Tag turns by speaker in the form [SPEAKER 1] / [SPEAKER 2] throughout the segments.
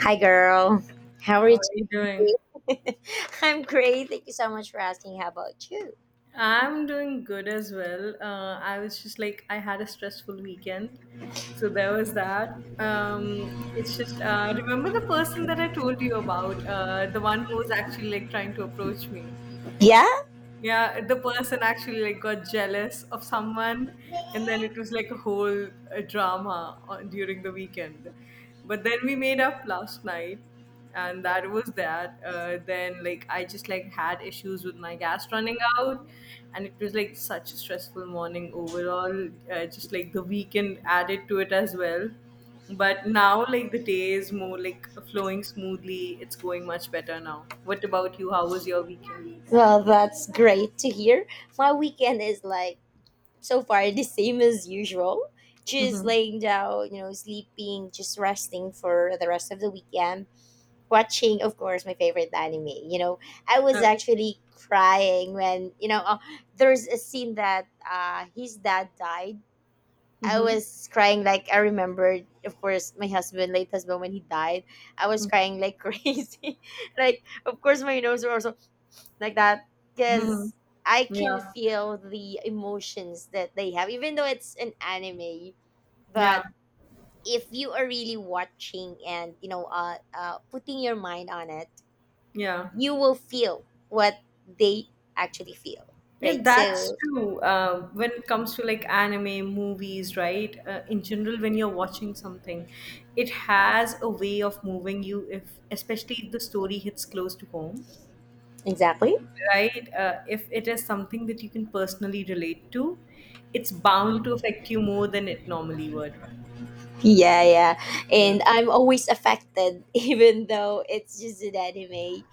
[SPEAKER 1] Hi, girl. How are
[SPEAKER 2] How
[SPEAKER 1] you
[SPEAKER 2] are you doing?
[SPEAKER 1] today? I'm great. Thank you so much for asking. How about you?
[SPEAKER 2] I'm doing good as well. I was just like, I had a stressful weekend. So there was that. It's just, remember the person that I told you about, the one who was actually like trying to approach me?
[SPEAKER 1] Yeah,
[SPEAKER 2] Yeah, the person actually like got jealous of someone, and then it was like a whole drama during the weekend. But then we made up last night, and that was that. Then like I just like had issues with my gas running out, and it was like such a stressful morning overall. Just like the weekend added to it as well. But now like the day is more like flowing smoothly. It's going much better now. What about you? How was your weekend?
[SPEAKER 1] well, that's great to hear. My weekend is like so far the same as usual. Just
[SPEAKER 2] Mhm.
[SPEAKER 1] laying down, you know, sleeping, just resting for the rest of the weekend. Watching, of course, my favorite anime. You know, I was actually crying when, you know, there's a scene that his dad died. I
[SPEAKER 2] Mhm.
[SPEAKER 1] was crying like I remembered, of course, my husband, late husband, when he died. I was crying like crazy. Like, of course, my nose were also like that
[SPEAKER 2] Mhm.
[SPEAKER 1] because I can
[SPEAKER 2] Yeah.
[SPEAKER 1] feel the emotions that they have, even though it's an anime. But
[SPEAKER 2] Yeah.
[SPEAKER 1] if you are really watching and you know, putting your mind on it,
[SPEAKER 2] Yeah.
[SPEAKER 1] you will feel what they actually feel,
[SPEAKER 2] Yeah,
[SPEAKER 1] right?
[SPEAKER 2] that's
[SPEAKER 1] So
[SPEAKER 2] true. When it comes to like anime movies, right? In general, when you're watching something, it has a way of moving you if, especially if the story hits close to home,
[SPEAKER 1] exactly.
[SPEAKER 2] right? If it is something that you can personally relate to, it's bound to affect you more than it normally would.
[SPEAKER 1] Yeah, yeah.
[SPEAKER 2] Yeah.
[SPEAKER 1] And I'm always affected, even though it's just an anime.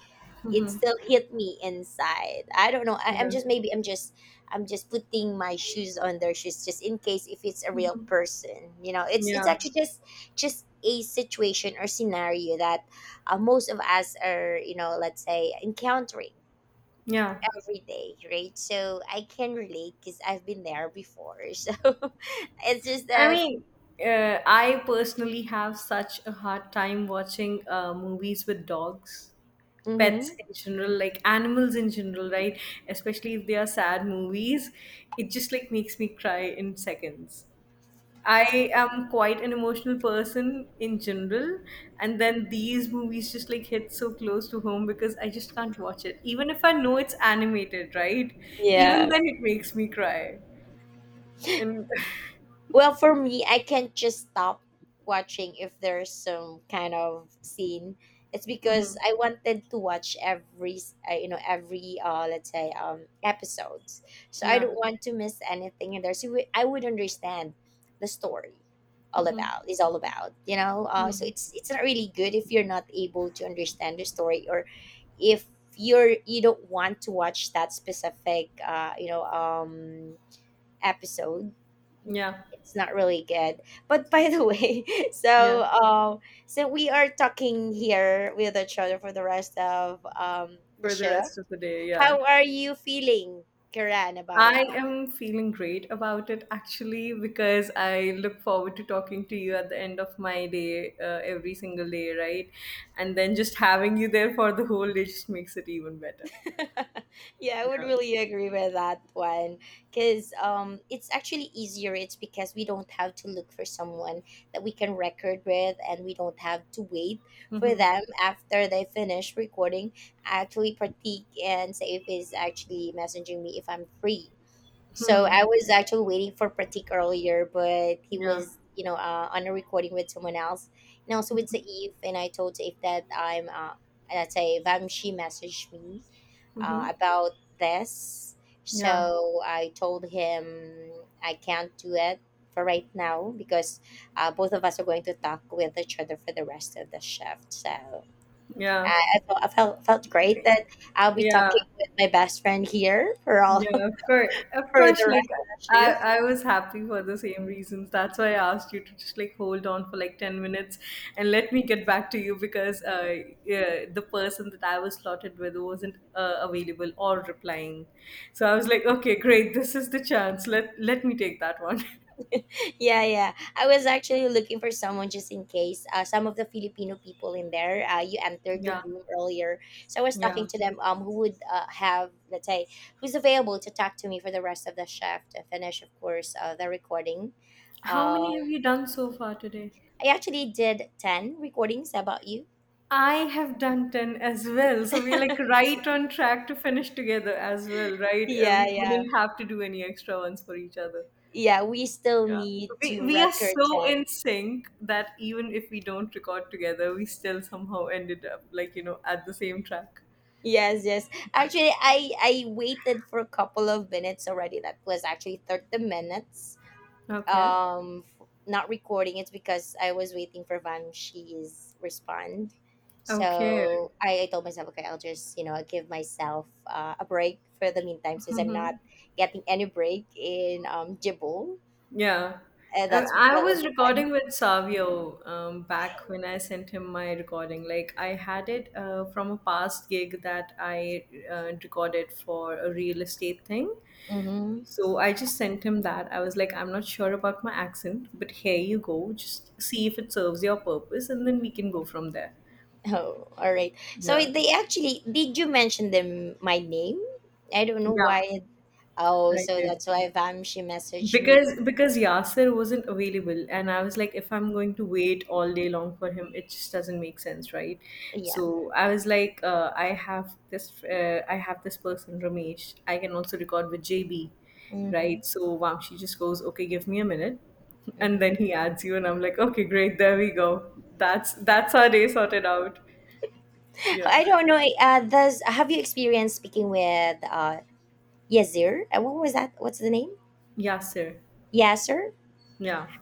[SPEAKER 1] It still hit me inside. I don't know. I'm
[SPEAKER 2] Yeah.
[SPEAKER 1] just maybe I'm just putting my shoes on their shoes just in case if it's a real person. You know, it's
[SPEAKER 2] Yeah.
[SPEAKER 1] actually just a situation or scenario that most of us are, you know, let's say encountering
[SPEAKER 2] Yeah.
[SPEAKER 1] every day, right? So I can relate because I've been there before. So it's just
[SPEAKER 2] I
[SPEAKER 1] that.
[SPEAKER 2] mean, I personally have such a hard time watching movies with dogs, pets
[SPEAKER 1] Hmm.
[SPEAKER 2] in general, like animals in general, right? Especially if they are sad movies, it just like makes me cry in seconds. I am quite an emotional person in general, and then these movies just like hit so close to home because I just can't watch it. Even if I know it's animated, right? Even
[SPEAKER 1] Yeah.
[SPEAKER 2] then, it makes me cry. And
[SPEAKER 1] Well, for me, I can't just stop watching if there's some kind of scene. It's because
[SPEAKER 2] Mhm.
[SPEAKER 1] I wanted to watch you know, every let's say episodes. So I
[SPEAKER 2] Yeah.
[SPEAKER 1] don't want to miss anything in there. I would understand the story all
[SPEAKER 2] Mhm.
[SPEAKER 1] about is all about you know so
[SPEAKER 2] Mm.
[SPEAKER 1] it's not really good if you're not able to understand the story or if you don't want to watch that specific you know episode.
[SPEAKER 2] Yeah,
[SPEAKER 1] It's not really good. But by the way,
[SPEAKER 2] yeah,
[SPEAKER 1] so so we are talking here with each other for the rest of the
[SPEAKER 2] for the
[SPEAKER 1] show.
[SPEAKER 2] rest of the day, yeah.
[SPEAKER 1] How are you feeling, Kiran, about it?
[SPEAKER 2] I am feeling great about it actually because I look forward to talking to you at the end of my day every single day, right? And then just having you there for the whole day just makes it even better.
[SPEAKER 1] Yeah, I would
[SPEAKER 2] Yeah.
[SPEAKER 1] really agree with that one because it's actually easier. It's because we don't have to look for someone that we can record with, and we don't have to wait for
[SPEAKER 2] Mm-hmm.
[SPEAKER 1] them after they finish recording. I actually partake and say if it's actually messaging me if I'm free. So
[SPEAKER 2] Hmm.
[SPEAKER 1] I was actually waiting for Pratik earlier, but he
[SPEAKER 2] Yeah.
[SPEAKER 1] was, you know, on a recording with someone else, and also with Saif. And I told Saif that Saif, she messaged me
[SPEAKER 2] Mm-hmm.
[SPEAKER 1] about this.
[SPEAKER 2] Yeah.
[SPEAKER 1] So I told him I can't do it for right now because both of us are going to talk with each other for the rest of the shift. So
[SPEAKER 2] Yeah.
[SPEAKER 1] I felt great that I'll be
[SPEAKER 2] Yeah.
[SPEAKER 1] talking with my best friend here for all
[SPEAKER 2] Yeah, of course, of
[SPEAKER 1] for
[SPEAKER 2] course.
[SPEAKER 1] the
[SPEAKER 2] Like
[SPEAKER 1] rest of the
[SPEAKER 2] I,
[SPEAKER 1] shift.
[SPEAKER 2] I was happy for the same reasons. That's why I asked you to just like hold on for like 10 minutes and let me get back to you because yeah, the person that I was slotted with wasn't available or replying. So I was like, okay, great, this is the chance. Let me take that one.
[SPEAKER 1] Yeah, yeah. I was actually looking for someone just in case. Some of the Filipino people in there, you entered the
[SPEAKER 2] Yeah,
[SPEAKER 1] room earlier. So I was talking
[SPEAKER 2] yeah.
[SPEAKER 1] to them who would have, let's say, who's available to talk to me for the rest of the shift and finish, of course, the recording.
[SPEAKER 2] How
[SPEAKER 1] Um,
[SPEAKER 2] many have you done so far today?
[SPEAKER 1] I actually did 10 recordings. How about you?
[SPEAKER 2] I have done 10 as well. So we're like right on track to finish together as well, right?
[SPEAKER 1] Yeah,
[SPEAKER 2] We
[SPEAKER 1] yeah.
[SPEAKER 2] wouldn't have to do any extra ones for each other.
[SPEAKER 1] Yeah, we still
[SPEAKER 2] Yeah.
[SPEAKER 1] need
[SPEAKER 2] We,
[SPEAKER 1] to
[SPEAKER 2] we are
[SPEAKER 1] record
[SPEAKER 2] so
[SPEAKER 1] 10.
[SPEAKER 2] in sync that even if we don't record together, we still somehow ended up like, you know, at the same track.
[SPEAKER 1] Yes, yes. Actually, I waited for a couple of minutes already. That was actually 30 minutes.
[SPEAKER 2] Okay.
[SPEAKER 1] Not recording, it's because I was waiting for Vanshi's respond.
[SPEAKER 2] Okay.
[SPEAKER 1] So I told myself, okay, I'll just you know give myself a break for the meantime since I'm not getting any break in Jibble.
[SPEAKER 2] Yeah.
[SPEAKER 1] And
[SPEAKER 2] I
[SPEAKER 1] that would
[SPEAKER 2] was
[SPEAKER 1] be fine.
[SPEAKER 2] recording with Savio back when I sent him my recording. Like, I had it from a past gig that I recorded for a real estate thing.
[SPEAKER 1] Mm-hmm.
[SPEAKER 2] So I just sent him that. I was like, I'm not sure about my accent, but here you go. Just see if it serves your purpose, and then we can go from there.
[SPEAKER 1] Oh, all right. So
[SPEAKER 2] Yeah.
[SPEAKER 1] they actually did you mention them my name? I don't know
[SPEAKER 2] Yeah,
[SPEAKER 1] why. Oh,
[SPEAKER 2] I
[SPEAKER 1] so
[SPEAKER 2] did.
[SPEAKER 1] that's why Vamshi messaged me.
[SPEAKER 2] Because Yasser wasn't available, and I was like, if I'm going to wait all day long for him, it just doesn't make sense, right?
[SPEAKER 1] Yeah.
[SPEAKER 2] So I was like, I have this person Ramesh I can also record with JB,
[SPEAKER 1] Mm-hmm.
[SPEAKER 2] right? So Vamshi just goes, okay, give me a minute, and then
[SPEAKER 1] Mm-hmm.
[SPEAKER 2] he adds you, and I'm like, okay, great, there we go, that's our day sorted out. Yeah.
[SPEAKER 1] I don't know. Does have you experienced speaking with Yazir? What was that? What's the name?
[SPEAKER 2] Yasser.
[SPEAKER 1] Yasser.
[SPEAKER 2] Yeah,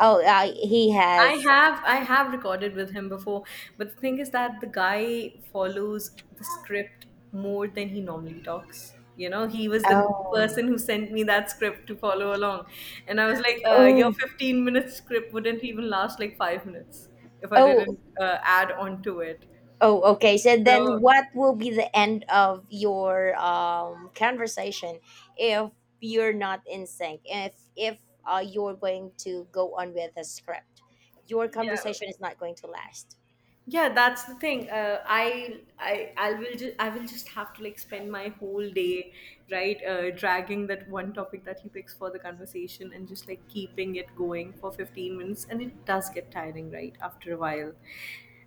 [SPEAKER 1] Oh, he
[SPEAKER 2] I
[SPEAKER 1] has.
[SPEAKER 2] have I have recorded with him before, but the thing is that the guy follows the script more than he normally talks. You know, he was the
[SPEAKER 1] Oh,
[SPEAKER 2] person who sent me that script to follow along, and I was like, "Your
[SPEAKER 1] oh,
[SPEAKER 2] 15-minute script wouldn't even last like 5 minutes if I
[SPEAKER 1] oh,
[SPEAKER 2] didn't add on to it."
[SPEAKER 1] oh. Okay. So
[SPEAKER 2] So
[SPEAKER 1] then, what will be the end of your conversation if you're not in sync? If you're going to go on with the script, your
[SPEAKER 2] yeah,
[SPEAKER 1] conversation is not going to last.
[SPEAKER 2] yeah, that's the thing. Uh, I will just have to like spend my whole day, right, dragging that one topic that he picks for the conversation and just like keeping it going for 15 minutes, and it does get tiring right after a while.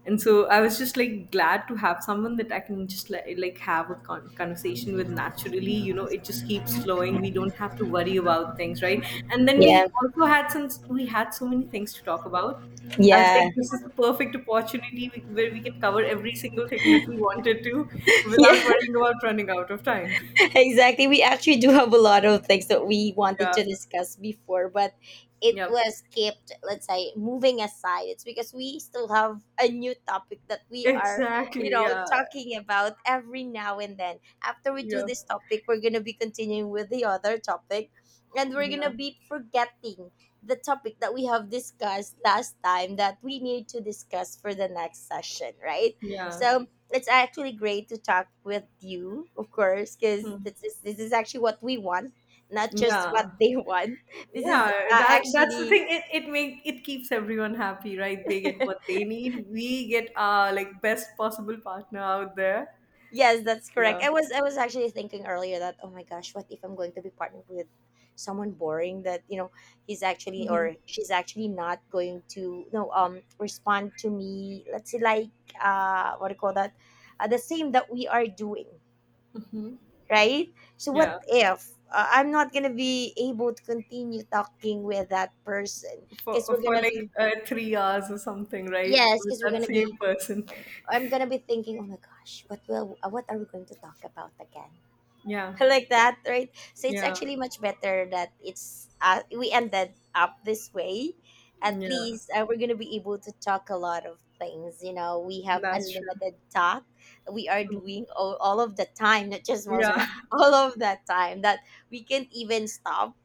[SPEAKER 2] And so I was just like glad to have someone that I can just like have a conversation with naturally. You know, it just keeps flowing. We don't have to worry about things, right? And then
[SPEAKER 1] Yeah.
[SPEAKER 2] we also had, since we had so many things to talk about, I was like,
[SPEAKER 1] Yeah.
[SPEAKER 2] this is the perfect opportunity where we can cover every single thing that we wanted to
[SPEAKER 1] Yeah.
[SPEAKER 2] without worrying about running out of time.
[SPEAKER 1] Exactly. We actually do have a lot of things that we wanted
[SPEAKER 2] Yeah.
[SPEAKER 1] to discuss before, but it
[SPEAKER 2] Yep.
[SPEAKER 1] was kept, let's say, moving aside. It's because we still have a new topic that we are, you
[SPEAKER 2] Exactly.
[SPEAKER 1] know,
[SPEAKER 2] Yeah.
[SPEAKER 1] talking about every now and then. After we do
[SPEAKER 2] Yeah.
[SPEAKER 1] this topic, we're going to be continuing with the other topic and we're going to
[SPEAKER 2] Yeah.
[SPEAKER 1] be forgetting the topic that we have discussed last time that we need to discuss for the next session, right?
[SPEAKER 2] Yeah.
[SPEAKER 1] So, it's actually great to talk with you, of course, because
[SPEAKER 2] Hmm.
[SPEAKER 1] this is actually what we want, not just what
[SPEAKER 2] Yeah.
[SPEAKER 1] they want. This is
[SPEAKER 2] Yeah. That's the
[SPEAKER 1] actually
[SPEAKER 2] thing. It keeps everyone happy, right? They get what they need. We get our like best possible partner out there.
[SPEAKER 1] yes, that's correct.
[SPEAKER 2] Yeah.
[SPEAKER 1] I was actually thinking earlier that oh my gosh, what if I'm going to be partnered with someone boring that you know he's actually
[SPEAKER 2] Hmm.
[SPEAKER 1] or she's actually not going to no respond to me. Let's say like what do you call that, the same that we are doing
[SPEAKER 2] Hmm.
[SPEAKER 1] right? So what
[SPEAKER 2] Yeah.
[SPEAKER 1] if I'm not gonna be able to continue talking with that person?
[SPEAKER 2] For
[SPEAKER 1] Because we're
[SPEAKER 2] for
[SPEAKER 1] gonna
[SPEAKER 2] like
[SPEAKER 1] be
[SPEAKER 2] 3 hours or something, right?
[SPEAKER 1] yes,
[SPEAKER 2] With
[SPEAKER 1] because we're
[SPEAKER 2] that
[SPEAKER 1] gonna
[SPEAKER 2] same
[SPEAKER 1] be
[SPEAKER 2] person.
[SPEAKER 1] I'm gonna be thinking, oh my gosh, what will what are we going to talk about again?
[SPEAKER 2] Yeah,
[SPEAKER 1] Like that, right? So it's
[SPEAKER 2] yeah,
[SPEAKER 1] actually much better that it's we ended up this way. At
[SPEAKER 2] yeah.
[SPEAKER 1] least we're gonna be able to talk a lot of things. You know, we have
[SPEAKER 2] That's true.
[SPEAKER 1] unlimited talk. We are
[SPEAKER 2] Mm.
[SPEAKER 1] doing all of the time, not just most
[SPEAKER 2] Yeah,
[SPEAKER 1] of that, all of that time that we can't even stop.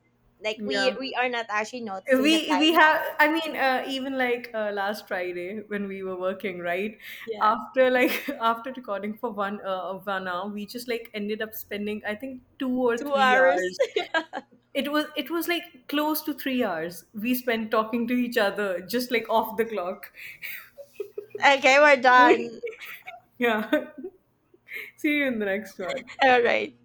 [SPEAKER 1] Like we
[SPEAKER 2] yeah.
[SPEAKER 1] we are not actually noticing the
[SPEAKER 2] We
[SPEAKER 1] time.
[SPEAKER 2] have. I mean, even like last Friday when we were working, right?
[SPEAKER 1] Yeah,
[SPEAKER 2] After like after recording for 1 hour, we just like ended up spending I think two or
[SPEAKER 1] two
[SPEAKER 2] three
[SPEAKER 1] hours.
[SPEAKER 2] hours. It was like close to 3 hours we spent talking to each other, just like off the clock.
[SPEAKER 1] Okay, we're done.
[SPEAKER 2] Yeah. See you in the next one.
[SPEAKER 1] All right.